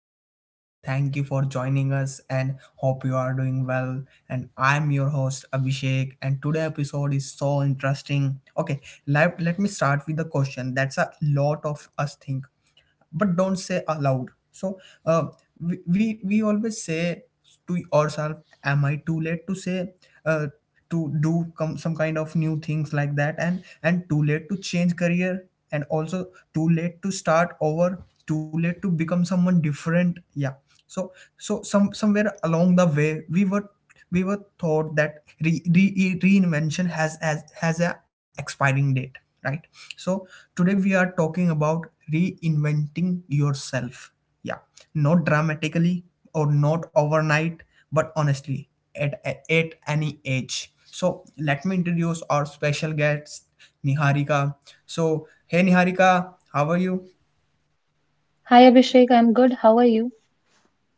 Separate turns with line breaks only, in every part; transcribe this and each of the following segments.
podcast, and thank you for joining us, and hope you are doing well, and I'm your host Abhishek, and today episode is so interesting. Okay, let me start with the question that's a lot of us think but don't say aloud. so uh, we always say to ourselves, am I too late to say, uh, to some kind of new things like that, and too late to change career, and also too late to start over, too late to become someone different. Yeah. So so some somewhere along the way we were, we were taught that reinvention has a expiring date, right? So today we are talking about reinventing yourself. Yeah. Not dramatically or not overnight, but honestly, at, any age. So let me introduce our special guest, Niharika. So hey Niharika, how are you?
Hi Abhishek, I'm good. How are you?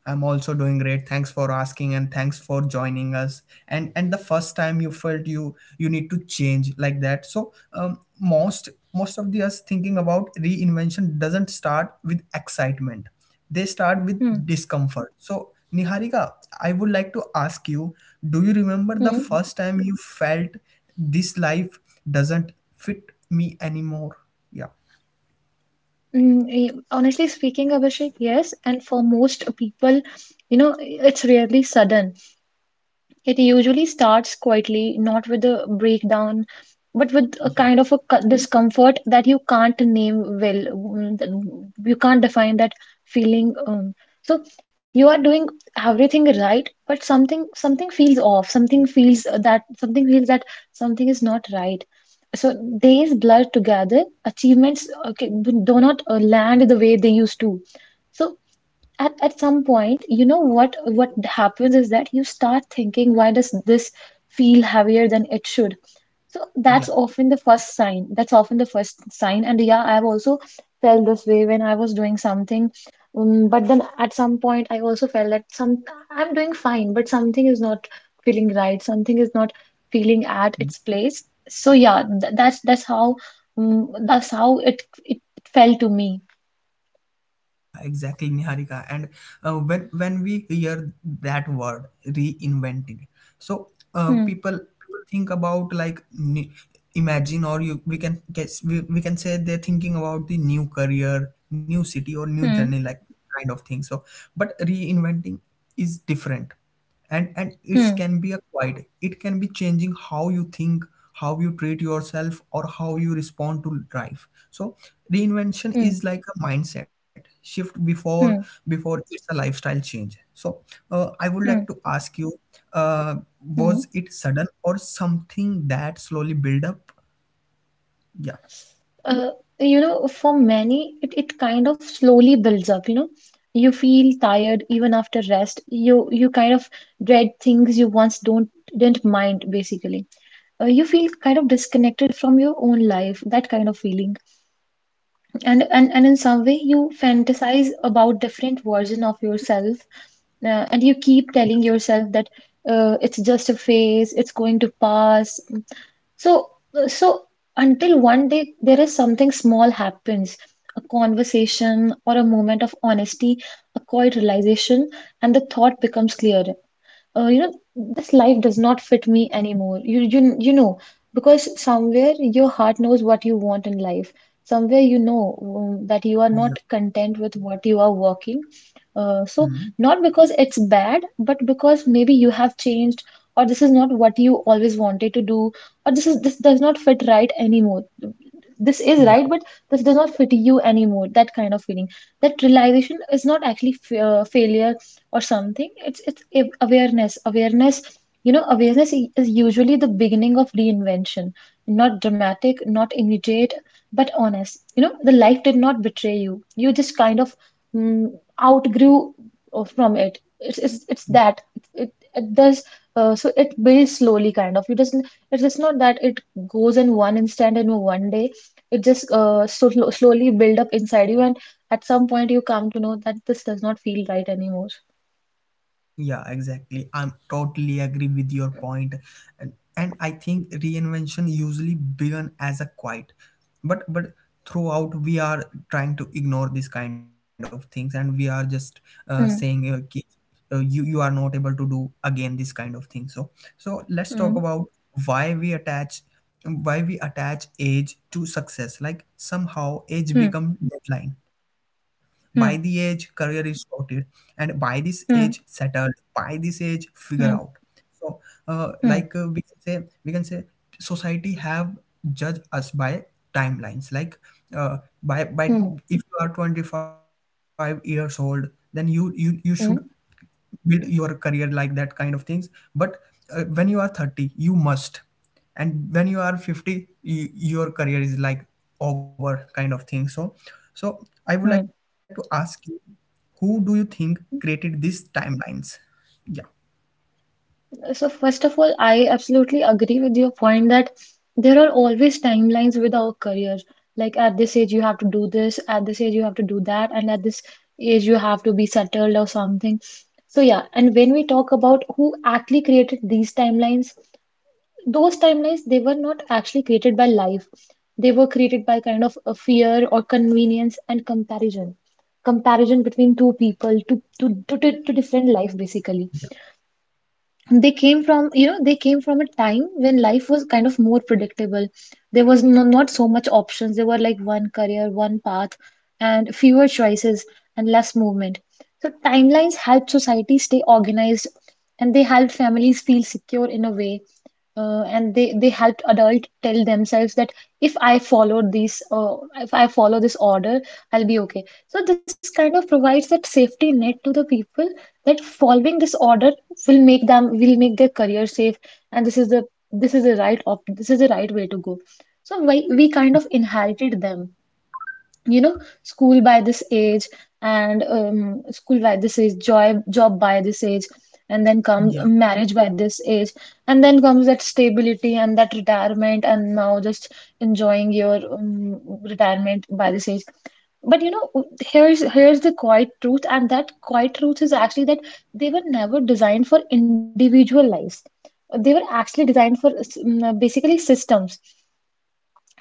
I'm also doing great. Thanks for asking and thanks for joining us. And the first time you felt you need to change like that. So most of the us thinking about reinvention doesn't start with excitement. They start with
Hmm.
discomfort. So Niharika, I would like to ask you: do you remember the
Hmm.
first time you felt this life doesn't fit me anymore? Yeah,
Honestly speaking, Abhishek, yes, and for most people, you know, it's rarely sudden. It usually starts quietly, not with a breakdown but with a
yeah,
kind of a discomfort that you can't name well, you can't define that feeling. So you are doing everything right but something feels off, something feels that something is not right. So days blur together, achievements, okay, do not land the way they used to. So at some point, you know, what happens is that you start thinking, why does this feel heavier than it should? So
yeah,
that's often the first sign, and yeah, I've also felt this way when I was doing something, but then at some point I also felt that some I'm doing fine but something is not feeling right, something is not feeling at
yeah.
its place. So yeah, th that's how, that's how it felt to me.
Yeah, exactly, Niharika. And when we hear that word reinventing, so
Hmm.
people think about like imagine, or you we can guess, we can say, they're thinking about the new career, new city, or new
Hmm.
journey, like kind of thing. So, but reinventing is different, and it
Hmm.
can be a quiet. It can be changing how you think, how you treat yourself, or how you respond to life. So
Hmm.
reinvention is like a mindset shift before,
Hmm.
it's a lifestyle change. So I would like
Hmm.
to ask you, uh, was
Hmm.
it sudden or something that slowly build up? Yeah.
Uh, you know, for many, it kind of slowly builds up, you know. You feel tired even after rest. You kind of dread things you once don't didn't mind, basically. You feel kind of disconnected from your own life, that kind of feeling. And in some way, you fantasize about different version of yourself, and you keep telling yourself that it's just a phase, it's going to pass. So, so until one day there is something small happens, a conversation or a moment of honesty, a quiet realization, and the thought becomes clear, you know, this life does not fit me anymore. You know, because somewhere your heart knows what you want in life. Somewhere you know that you are not
Yeah.
content with what you are working. So
Hmm.
not because it's bad, but because maybe you have changed, or this is not what you always wanted to do, or this does not fit right anymore. This is
Yeah.
right, but this does not fit you anymore. That kind of feeling, that realization is not actually failure or something. Awareness. You know, awareness is usually the beginning of reinvention. Not dramatic, not immediate, but honest. You know, the life did not betray you you just kind of, mm, outgrew from it. It's that it, it does, so it builds slowly. Kind of, you doesn't, it's just not that it goes in one instant in one day. It just, slowly build up inside you, and at some point you come to know that this does not feel right anymore.
Yeah, exactly. I'm totally agree with your point. And I think reinvention usually began as a quiet. But throughout we are trying to ignore these kind of things, and we are just saying
Hmm.
you you are not able to do again this kind of thing. So so let's
Hmm.
talk about why we attach, why we attach age to success. Like somehow age
Hmm.
become deadline. By the age
Hmm.
career is sorted, and by this age
Hmm.
settled, by this age figure out.
Hmm.
So
Hmm. Hmm.
like we can say, we can say society have judged us by timelines. Like uh, by
Hmm.
by
Hmm. Hmm.
if you are 25 years old, then you you should
Hmm. Hmm. Hmm. Hmm.
build your career, like that kind of things. But when you are 30 you must, and when you are 50 you, your career is like over kind of thing. So so I would like to
Hmm.
ask you, who do you think created
Hmm.
these timelines? Yeah.
So first of all, I absolutely agree with your point that there are always timelines with our career. Like at this age you have to do this, at this age you have to do that, and at this age you have to be settled or something. So yeah, and when we talk about who actually created these timelines, those timelines, they were not actually created by life, they were created by kind of a fear or convenience and comparison. Comparison between two people, to different life, basically. They came from, you know, they came from a time when life was kind of more predictable. There was not so much options, there were like one career, one path, and fewer choices and less movement. So timelines helped society stay organized, and they helped families feel secure in a way, and they helped adults tell themselves that if I follow this, if I follow this order, I'll be okay. So this kind of provides that safety net to the people, that following this order will make their career safe, and this is the right op this is the right way to go. So we kind of inherited them, you know. School by this age, and school by this age job by this age, and then
Yeah,
comes marriage by this age, and then comes that stability, and that retirement, and now just enjoying your retirement by this age. But you know, here's the quiet truth, and that quiet truth is actually that they were never designed for individual lives. They were actually designed for basically systems.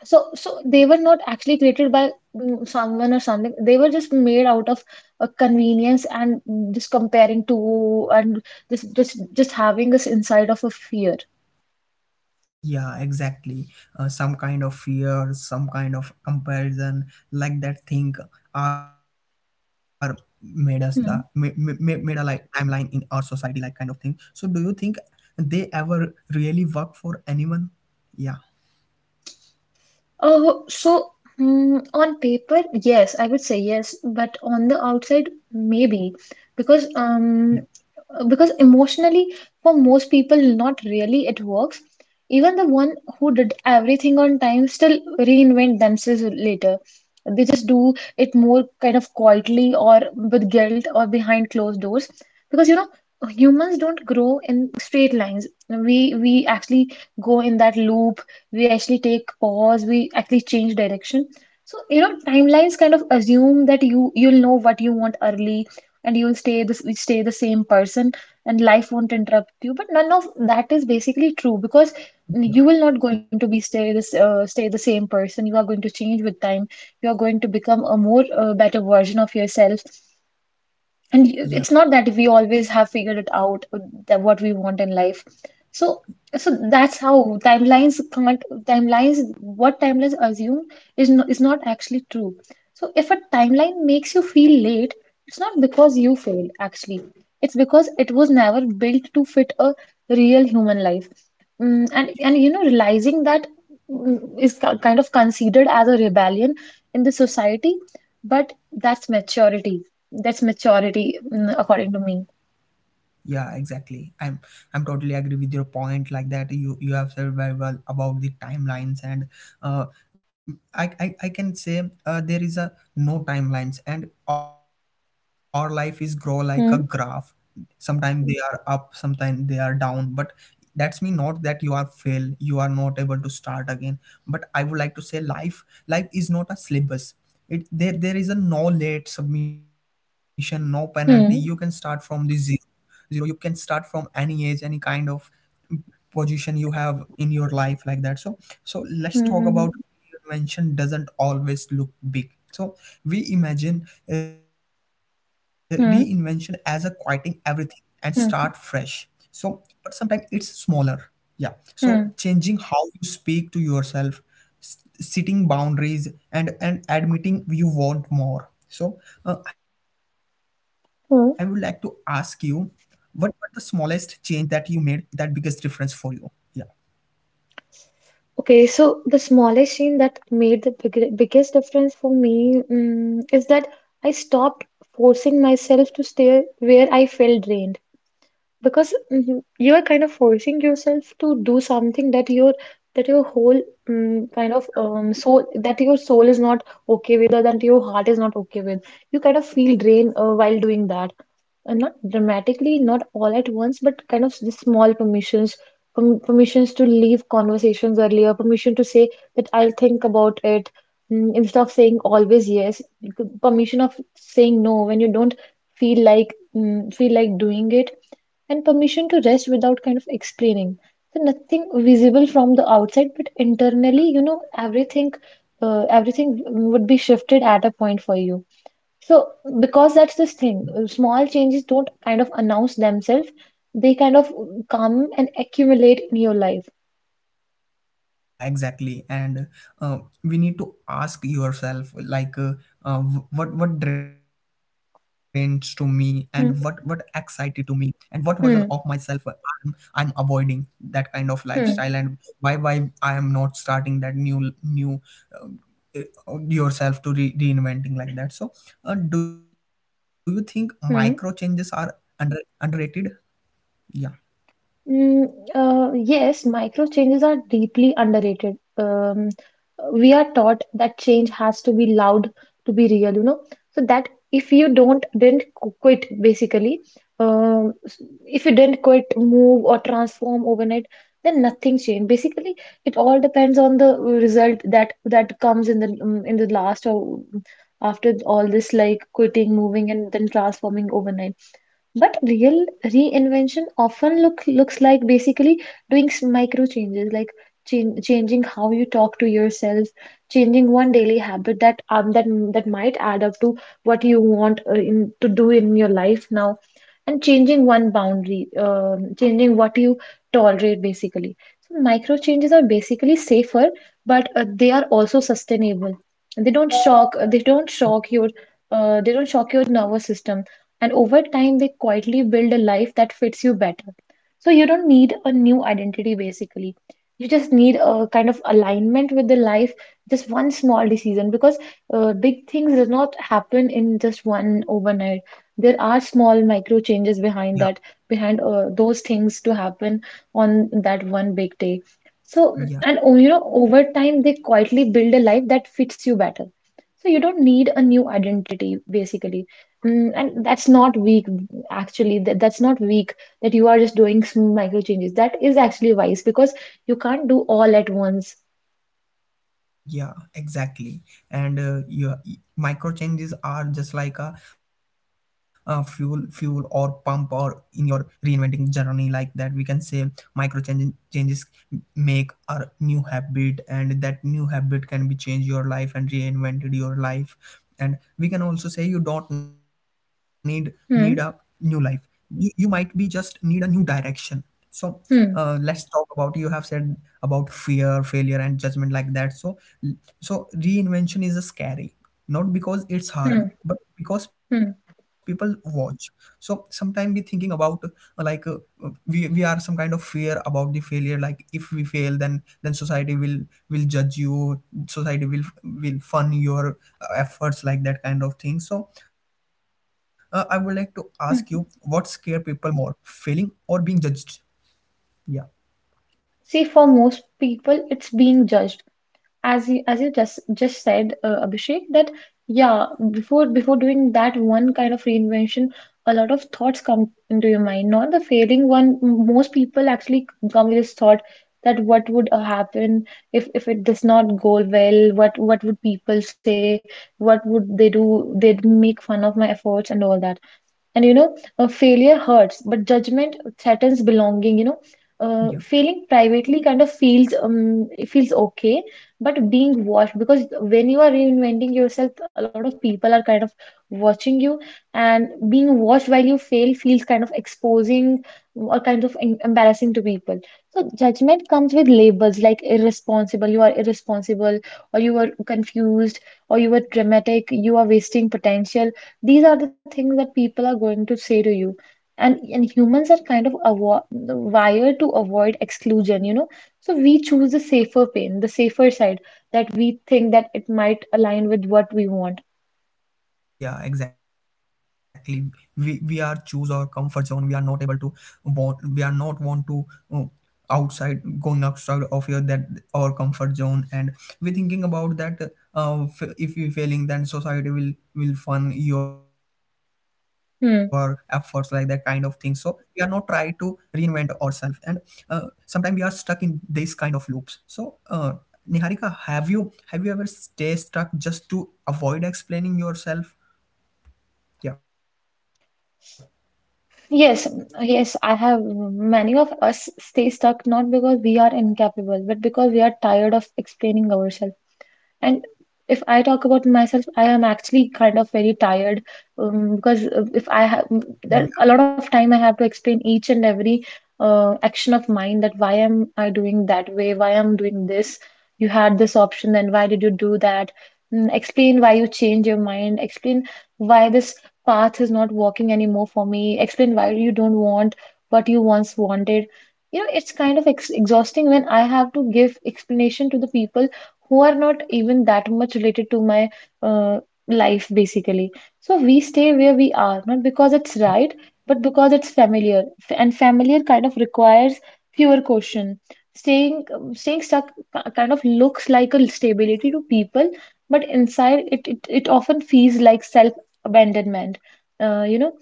So they were not actually created by someone or something. They were just made out of convenience and just comparing to, and just having us inside of a fear.
yeah, exactly. Some kind of fear, some kind of comparison, like that thing, are made us the made
Hmm.
a like timeline in our society, like kind of thing. So, do you think they ever really work for anyone? Yeah,
Oh, so, on paper, yes, I would say yes, but on the outside, maybe because
yeah,
um because emotionally, for most people, not really it works. Even the one who did everything on time still reinvent themselves later. They just do it more kind of quietly, or with guilt, or behind closed doors, because you know, humans don't grow in straight lines. We actually go in that loop, we actually take pause, we actually change direction. So you know, timelines kind of assume that you'll know what you want early, and you'll stay the same person, and life won't interrupt you, but none of that is basically true, because
yeah,
you will not going to be stay the same person, you are going to change with time. You are going to become a more better version of yourself, and
yeah.
it's not that we always have figured it out, that what we want in life. So so that's how timelines can't timelines what timelines assume is is not actually true. So if a timeline makes you feel late, it's not because you failed actually, it's because it was never built to fit a real human life. Mm, and you know, realizing that, mm, is kind of considered as a rebellion in the society, but that's maturity. That's maturity, according to me.
Yeah, exactly. I'm totally agree with your point like that. You have said very well about the timelines, and uh I can say there is a no timelines, and our life is grow like a graph.
Hmm.
Sometimes they are up, sometimes they are down, but that's mean not that you are fail, you are not able to start again. But I would like to say, life is not a syllabus. It there there is a no late submission, no penalty. You can start from the
Hmm.
zero, you can start from any age, any kind of position you have in your life, like that. So so let's
Hmm.
talk about
Hmm.
reinvention doesn't always look big. So we imagine reinvention as a quieting
Hmm.
everything and start fresh.
Hmm.
So but sometimes it's smaller. Yeah. So
Hmm.
changing how you speak to yourself, setting boundaries, and admitting you want more. So I would like to ask you,
Hmm.
what the smallest change that you made that biggest difference for you? Yeah.
Okay, so the smallest change that made the biggest difference for me, is that I stopped forcing myself to stay where I felt drained, because you are kind of forcing yourself to do something that your whole, soul, that your soul is not okay with, or that your heart is not okay with. You kind of feel drained while doing that, not dramatically, not all at once, but kind of the small permissions, permissions to leave conversations earlier, permission to say that I'll think about it, instead of saying always yes, permission of saying no when you don't feel like, feel like doing it, and permission to rest without kind of explaining. So nothing visible from the outside, but internally, you know, everything, everything, would be shifted at a point for you. So, because that's this thing, small changes don't kind of announce themselves, they kind of, come and accumulate in your life.
Yeah, exactly. And we need to ask yourself like uh, what drains to me and what excited
Hmm.
to me and what version of
Hmm.
myself I'm avoiding that kind of lifestyle
Hmm.
and why I am not starting that new new um, yourself to re- reinventing like that so do you think micro changes are
Hmm.
under underrated yeah
Mm, yes, micro changes are deeply underrated. We are taught that change has to be loud to be real, you know. So that if you don't didn't qu- quit basically, if you didn't quit, move or transform overnight, then nothing changed. Basically, it all depends on the result that comes in the last, or um, after all this like quitting, moving, and then transforming overnight. But real reinvention often looks like basically doing micro changes, like changing how you talk to yourself, changing one daily habit that that might add up to what you want, to do in your life now, and changing one boundary, changing what you tolerate basically. So micro changes are basically safer, but they are also sustainable. They don't shock. They don't shock your nervous system, and over time they quietly build a life that fits you better, so you don't need a new identity basically, you just need a kind of alignment with the life. Just one small decision, because big things does not happen in just one overnight, there are small micro changes behind
yeah
that, behind those things to happen on that one big day. So,
yeah.
and oh, you know, over time they quietly build a life that fits you better, so you don't need a new identity basically. Mm, and that's not weak, actually. That's not weak that you are just doing some micro changes. That is actually wise because you can't do all at once.
Yeah, exactly. And yeah, micro changes are just like a, fuel, or pump, or in your reinventing journey, like that. We can say changes make our new habit, and that new habit can be change your life and reinvented your life. And we can also say you don't need a new life.
Hmm,
You might be just need a new direction. So
hmm,
let's talk about, you have said about fear, failure, and judgment like that. So so reinvention is a scary, not because it's hard,
hmm,
but because people
hmm,
watch. So sometimes we thinking about like we are some kind of fear about the failure. Like if we fail, then society will judge you. Society will fun your efforts, like that kind of thing. So I would like to ask you, what
hmm.
scare people more, failing or being judged? Yeah,
See, for most people, it's being judged. As you just said Abhishek, that yeah, before doing that one kind of reinvention, a lot of thoughts come into your mind, not the failing one. Most people actually come with this thought, that what would happen if it does not go well, what would people say, what would they do? They'd make fun of my efforts and all that. Failure hurts, but judgment threatens belonging.
yeah.
Failing privately kind of feels it feels okay, but being watched, because when you are reinventing yourself, a lot of people are kind of watching you, and being watched while you fail feels kind of exposing or kind of embarrassing to people. So judgment comes with labels like irresponsible, you are irresponsible, or you are confused, or you are dramatic, you are wasting potential. These are the things that people are going to say to you. And humans are kind of avo wired to avoid exclusion, you know. So we choose the safer pain, the safer side, that we think that it might align with what we want.
Yeah, exactly. We are choose our comfort zone, we are not able to want, we are not want to uh, outside, going outside of your that our comfort zone, and we thinking about that if you failing then society will fund your efforts, like that kind of thing.
Hmm.
So we are not try to reinvent ourselves, and uh, sometimes we are stuck in this kind of loops. So Niharika, have you ever stay stuck just to avoid explaining yourself? 呀
Yes, yes, I have. Many of us stay stuck, not because we are incapable, but because we are tired of explaining ourselves. And if I talk about myself, I am actually kind of very tired,
咿
because
呀
if I have there, a lot of time I have to explain each and every action of mine, that why am I doing that way? Why am doing this? You had this option, then why did you do that? Explain why you change your mind. Explain why this path is not working anymore for me. Explain why you don't want what you once wanted. You know, it's kind of ex exhausting when I have to give explanation to the people who are not even that much related to my uh, life basically. So we stay where we are, not because it's right, but because it's familiar. And familiar kind of requires fewer questions. Staying stuck kind of looks like a stability to people, but inside it often feels like self-abandonment. Uh, you know,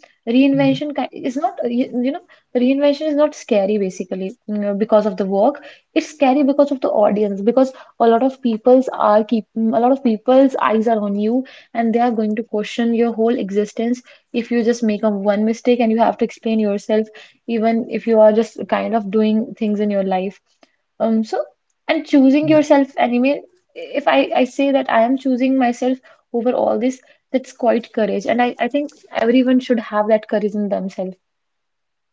咿呀
Reinvention is not reinvention is not scary basically, you know, because of the work. It's scary because of the audience, because a lot of people's are keep a lot of people's eyes are on you, and they are going to question your whole existence if you just make a one mistake and you have to explain yourself, even if you are just kind of doing things in your life. um so and
咿呀！
choosing yourself anime, if I say that I am choosing myself over all this, that's quite courage, and I think everyone should have that courage in themselves.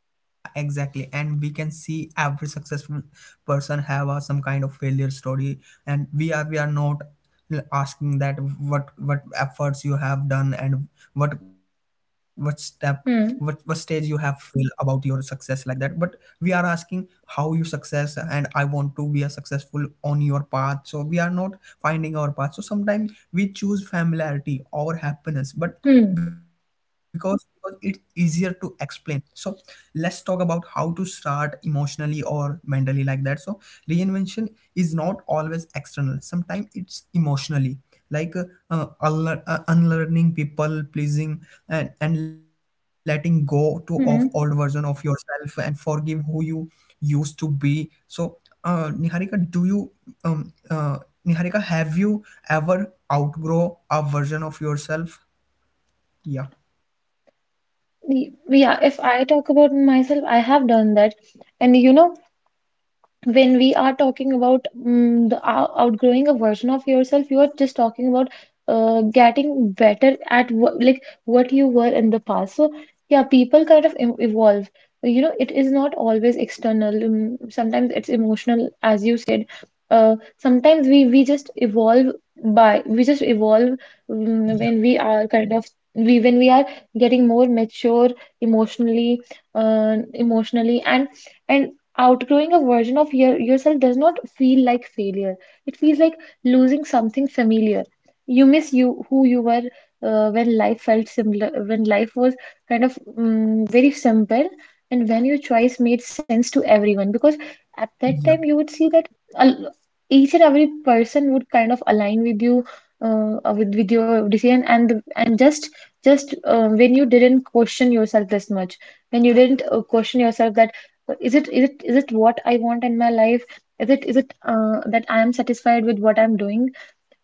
Yeah, exactly. And we can see every successful person have some kind of failure story, and we are not asking that what efforts you have done, and what what step what stage you
hmm
have feel about your success, like that. But we are asking how you success, and I want to be a successful on your path. So we are not finding our path. So sometimes we choose familiarity over happiness, but
hmm
because it's easier to explain. So let's talk about how to start emotionally or mentally, like that. So reinvention is not always external, sometimes it's emotionally. Like unlearning people pleasing, and letting go to of old version
hmm
of yourself, and forgive who you used to be. So uh, niharika do you um, uh, Niharika, have you ever outgrow a version of yourself? Yeah,
Y- yeah, if I talk about myself, I have done that. And you know, when we are talking about outgrowing a version of yourself, you are just talking about getting better at what, like what you were in the past. So yeah, people kind of evolve. You know, it is not always external. Sometimes it's emotional, as you said. Sometimes we just evolve by we just evolve
yeah,
when we are kind of we when we are getting more mature emotionally, emotionally and. And Outgrowing a version of yourself does not feel like failure. It feels like losing something familiar. You miss you who you were when life felt similar, when life was kind of very simple, and when your choice made sense to everyone. Because at that time,
yeah,
you would see that al- each and every person would kind of align with you, with your decision, and the- and just when you didn't question yourself this much, when you didn't question yourself that is it what I want in my life? Is it that I am satisfied with what I'm doing?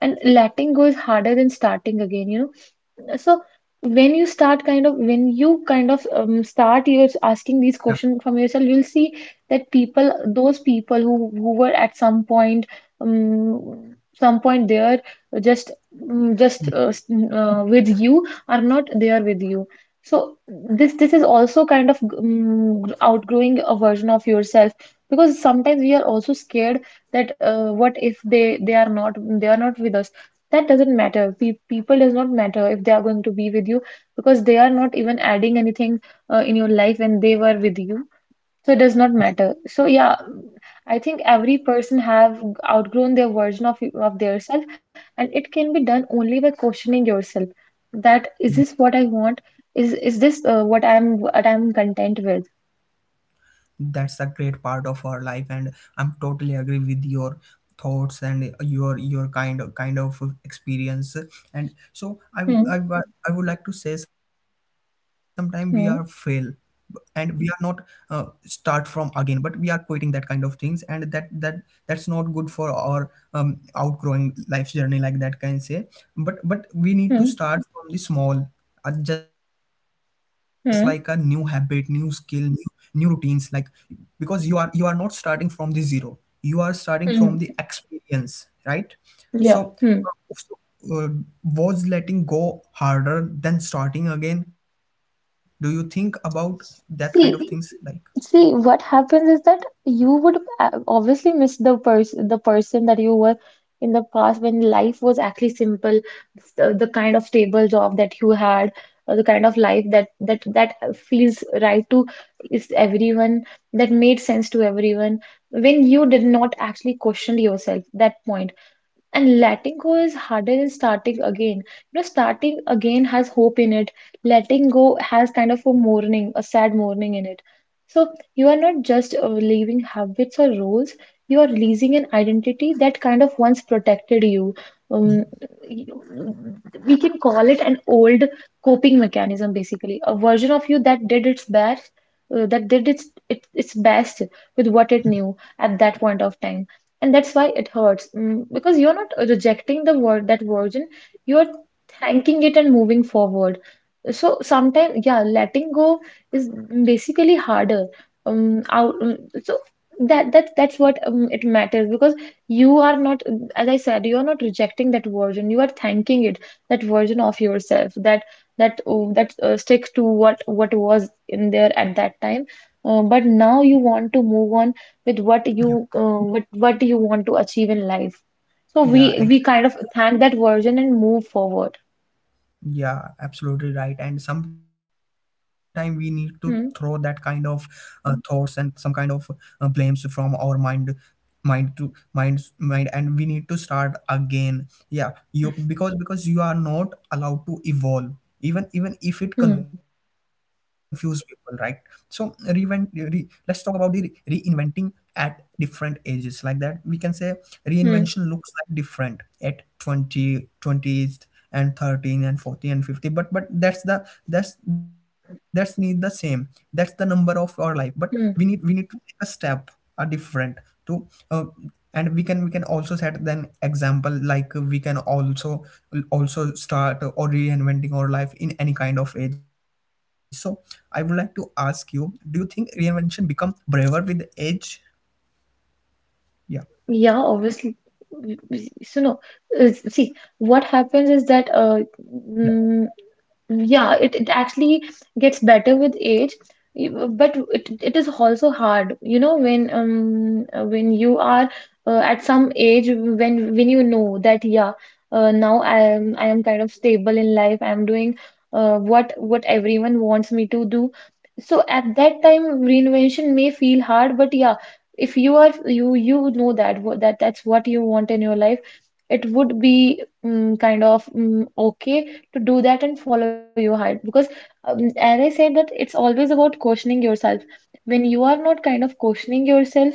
And letting go is harder than starting again, you know. So when you start kind of, when you kind of start, you're asking these
yeah.
questions from yourself, you'll see that people those people who were at some point, some point there just mm,
Hmm.
just s- with you, are not there with you. So this is also kind of outgrowing a version of yourself, because sometimes we are also scared that what if they are not, they are not with us, that doesn't matter. Pe People does not matter if they are going to be with you, because they are not even adding anything in your life when they were with you. So it does not matter. So yeah, I think every person have outgrown their version of their self, and it can be done only by questioning yourself. That is this what I want? Is this what I'm content with?
That's a great part of our life, and I'm totally agree with your thoughts and your kind of experience. And so
Hmm.
i, I would like to say, sometime we are fail,
Hmm.
and we are not start from again, but we are quitting that kind of things, and that's not good for our outgrowing life journey, like that can say. But we need
Hmm.
to start from the small, just like a new habit, new
Hmm.
skill, new, new routines. Like, because you are not starting from the zero, you are starting from the
Hmm.
experience, right? So,
Yeah.
uh,
Hmm.
so uh, was letting go harder than starting again? Do you think about that kind of things, like?
See. See, what happens is that you would obviously miss the person that you were in the past when life was actually simple, the kind of stable job that you had, or the kind of life that that feels right to is everyone, that made sense to everyone. When you did not actually question yourself, that point. And letting go is harder than starting again, you know. Starting again has hope in it. Letting go has kind of a mourning, a sad mourning in it. So you are not just leaving habits or roles, you are releasing an identity that kind of once protected you. um,
Yeah,
we can call it an old coping mechanism, basically a version of you that did its best, its best with what it knew at that point of time. And that's why it hurts, because you're not rejecting the word that version, you're thanking it and moving forward. So sometimes, yeah, letting go is basically harder. Out so That's what it matters, because you are not, as I said, you are not rejecting that version, you are thanking it, that version of yourself that, sticks to what was in there at that time, but now you want to move on
yeah,
with what you want to achieve in life. So
yeah.
we kind of thank that version and move forward.
Yeah, absolutely right. And sometimes we need to throw that kind
Hmm.
of thoughts and some kind of blames from our mind and we need to start again, yeah you, because you are not allowed to evolve, even if it
Hmm.
confuse people, right? So reinvent, let's talk about the reinventing at different ages, like that we can say
Hmm.
reinvention looks like different at 20 20th and 13 and 40 and 50, but that's need the same, that's the number of our life, but
Hmm.
we need to take a step a different to and we can also set then example, like we can also start or reinventing our life in any kind of age. So I would like to ask you, do you think reinvention become braver with age? Yeah,
Yeah, obviously. So no, see what happens is that
yeah,
mm, yeah, it actually gets better with age, but it is also hard, you know, when you are at some age, when you know that yeah, now I am kind of stable in life. I am doing what everyone wants me to do. So at that time, reinvention may feel hard, but yeah, if you you know that what that that's what you want in your life, it would be kind of okay to do that and follow your heart. Because as I said, that it's always about questioning yourself. When you are not kind of questioning yourself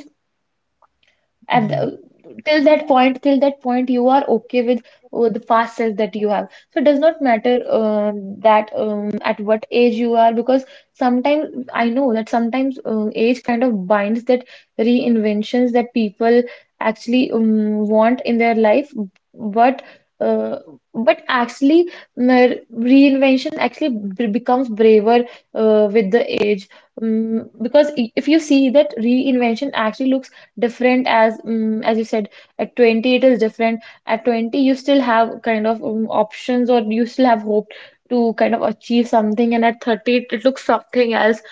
at
yeah,
till that point, till that point you are okay with the fast cells that you have. So it does not matter that at what age you are, because sometimes I know that sometimes age kind of binds that reinventions that people actually want in their life. But uh, but actually reinvention actually becomes braver with the age. Mm, because if you see that, reinvention actually looks different, as you said. At 20 it is different. At 20 you still have kind of options, or you still have hope to kind of achieve something, and at 30 it looks something else.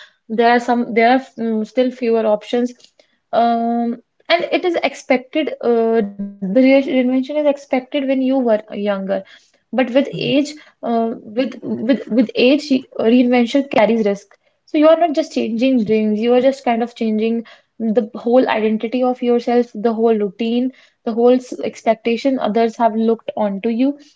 There are some, there are still fewer options. um and it is expected, the reinvention is expected when you were younger. But with
yeah,
age, uh, with age, reinvention carries risk. So you are not just changing dreams, you are just kind of changing the whole identity of yourself, the whole routine, the whole expectation others have looked onto you.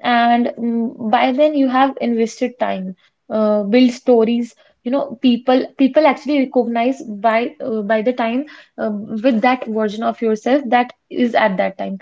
And by then you have invested time, build stories. You know, people actually recognize by the time with that version of yourself that is at that time.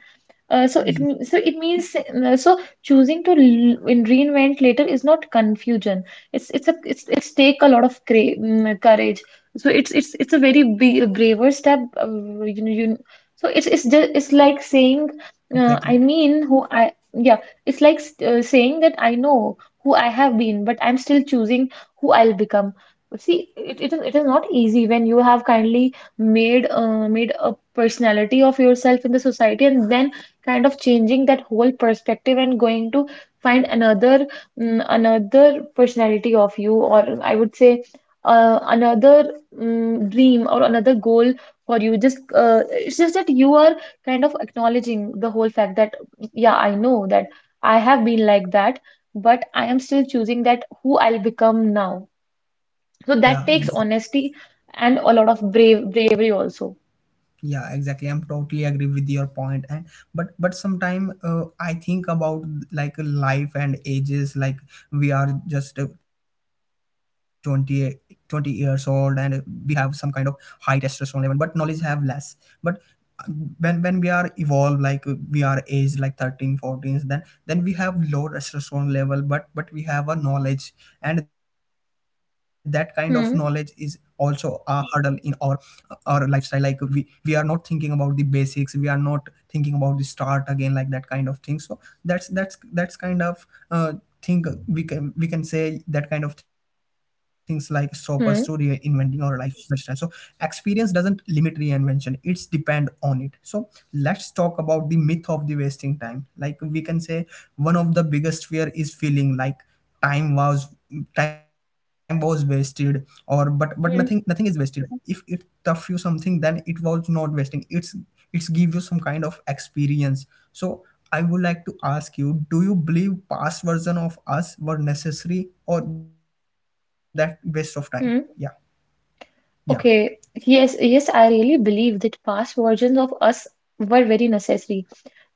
So it
yeah,
m- so it means so choosing to reinvent later is not confusion. It's take a lot of courage. So it's a very braver step. Uh, you know you so it's like saying I
exactly.
mean who I yeah, it's like saying that I know who I have been, but I'm still choosing who I'll become. See, it is, it is not easy when you have kindly made a personality of yourself in the society, and then kind of changing that whole perspective and going to find another, another personality of you. Or I would say another dream or another goal for you. Just It's just that you are kind of acknowledging the whole fact that yeah, I know that I have been like that, but I am still choosing that who I'll become now. So that
Yeah,
takes honesty, and a lot of bravery also.
yeah, exactly, I'm totally agree with your point. And but sometime, I think about like life and ages, like we are just 20 twenty years old, and we have some kind of high testosterone level but knowledge have less. But uh, when we are evolved, like we are aged like 13, 14, then we have low testosterone level, but we have a knowledge, and that kind of knowledge is also
Hmm.
a hurdle in our lifestyle, like we are not thinking about the basics, we are not thinking about the start again, like that kind of thing. So that's kind of thing, we can say that kind of things like stop us to reinventing
Hmm.
our life lifestyle. So experience doesn't limit reinvention, it's depend on it. So let's talk about the myth of the wasting time, like we can say one of the biggest fear is feeling like time was time was wasted, or, but
Hmm.
nothing is wasted. If it tough you something, then it was not wasting, it's give you some kind of experience. So I would like to ask you, do you believe past version of us were necessary or that waste of time? Yeah.
Hmm.
Yeah,
Okay, yes, yes, I really believe that past versions of us were very necessary.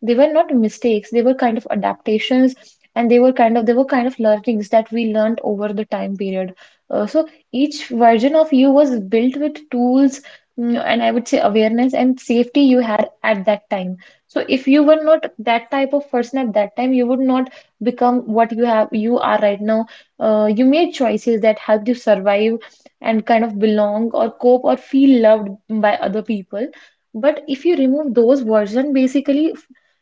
They were not mistakes, they were kind of adaptations, and they were kind of, they were kind of learnings that we learned over the time period. So each version of you was built with tools, and I would say awareness and safety you had at that time. So if you were not that type of person at that time, you would not become what you have, you are right now. You made choices that helped you survive and kind of belong or cope or feel loved by other people. But if you remove those version, basically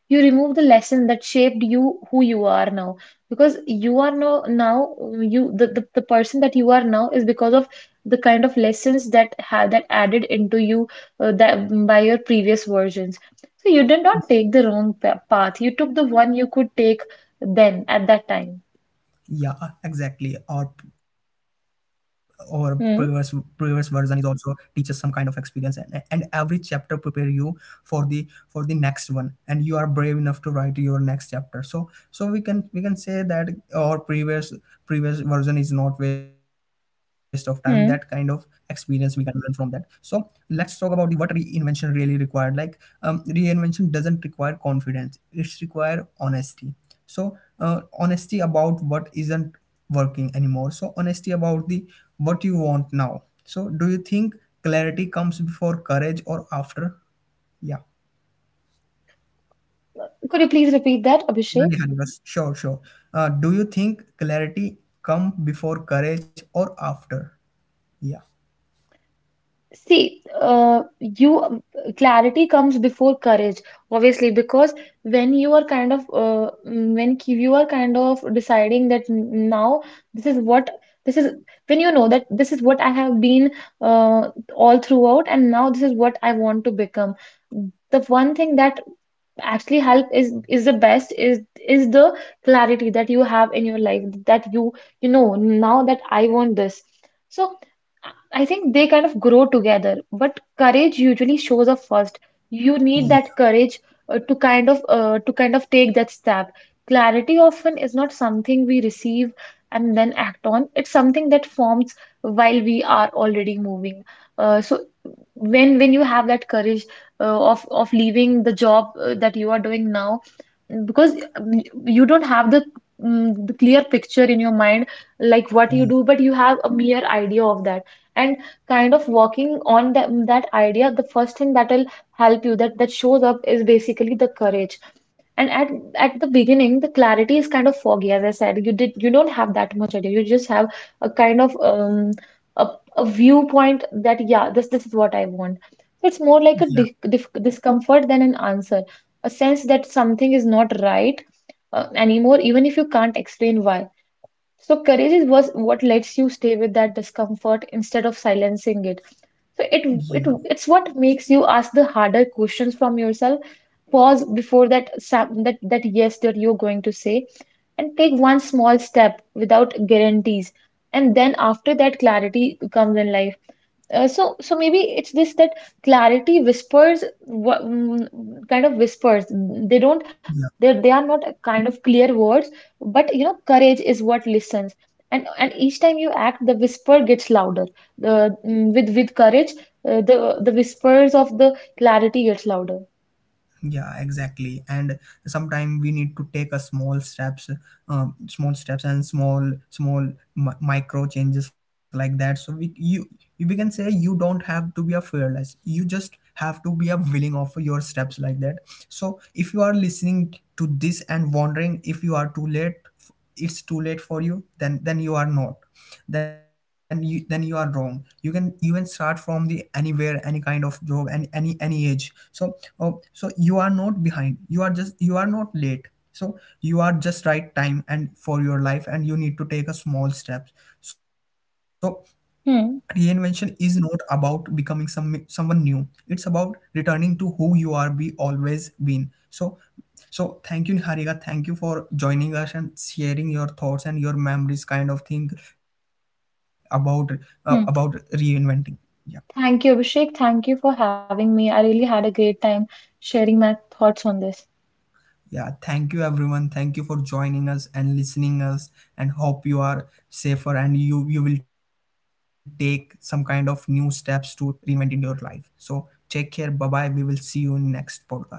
you remove the lesson that shaped you who you are now, because you are now now, you, the person that you are now is because of the kind of lessons that had that added into you, that by your previous versions. So you did not take the wrong path, you took the one you could take then at that time.
yeah, exactly. Or previous version
Hmm.
is also teaches some kind of experience, and every chapter prepare you for the next one, and you are brave enough to write your next chapter. So we can say that our previous version is not waste of time, that kind of
Hmm.
experience we can learn from that. So let's talk about the what reinvention really required, like reinvention doesn't require confidence, it's require honesty. So honesty about what isn't working anymore, so honesty about the what you want now. So do you think clarity comes before courage or after? Yeah,
Could you please repeat that, Abhishek?
really, Harivash? Sure. Do you think clarity come before courage or after? Yeah,
See, you clarity comes before courage, obviously, because when you are kind of when you are kind of deciding that now this is what, this is, when you know that this is what I have been, uh, all throughout, and now this is what I want to become. The one thing that actually help is the best is the clarity that you have in your life, that you know now that I want this. So. I think they kind of grow together, but courage usually shows up first. You need
yeah,
that courage to kind of take that step. Clarity often is not something we receive and then act on. It's something that forms while we are already moving. So when you have that courage of leaving the job that you are doing now, because you don't have the, the clear picture in your mind, like what you do, but you have a mere idea of that and kind of working on that, that idea, the first thing that will help you that that shows up is basically the courage. And at the beginning, the clarity is kind of foggy, as I said. You don't have that much idea. You just have a kind of a, a viewpoint that yeah, this is what I want. So it's more like a
yeah,
di dif discomfort than an answer, a sense that something is not right anymore, even if you can't explain why. So courage is was what lets you stay with that discomfort instead of silencing it. So it
yeah,
it it's what makes you ask the harder questions from yourself. Pause before that that yes that you're going to say, and take one small step without guarantees. And then after that, clarity comes in life. So maybe it's this, that clarity whispers, kind of whispers. They don't,
yeah,
they are not a kind of clear words, but you know, courage is what listens. And each time you act, the whisper gets louder. The with courage, the whispers of the clarity gets louder.
yeah, exactly. And sometimes we need to take a small steps, small steps and small micro changes, like that. So we you we can say you don't have to be a fearless, you just have to be a willing of your steps, like that. So if you are listening to this and wondering if you are too late, it's too late for you, then you are not then you then you are wrong. You can start from the anywhere, any kind of job and any age. So oh, so you are not behind, you are just, you are not late. So you are just right time and for your life, and you need to take a small steps. So reinvention
Hmm.
is not about becoming someone new. It's about returning to who you are be always been. So thank you, Niharika. Thank you for joining us and sharing your thoughts and your memories kind of thing about about
Hmm.
reinventing. Yeah.
Thank you, Abhishek. Thank you for having me. I really had a great time sharing my thoughts on this.
Yeah, thank you everyone. Thank you for joining us and listening us, and hope you are safer and you will take some kind of new steps to reinventing your life. So take care. Bye bye. We will see you in next podcast.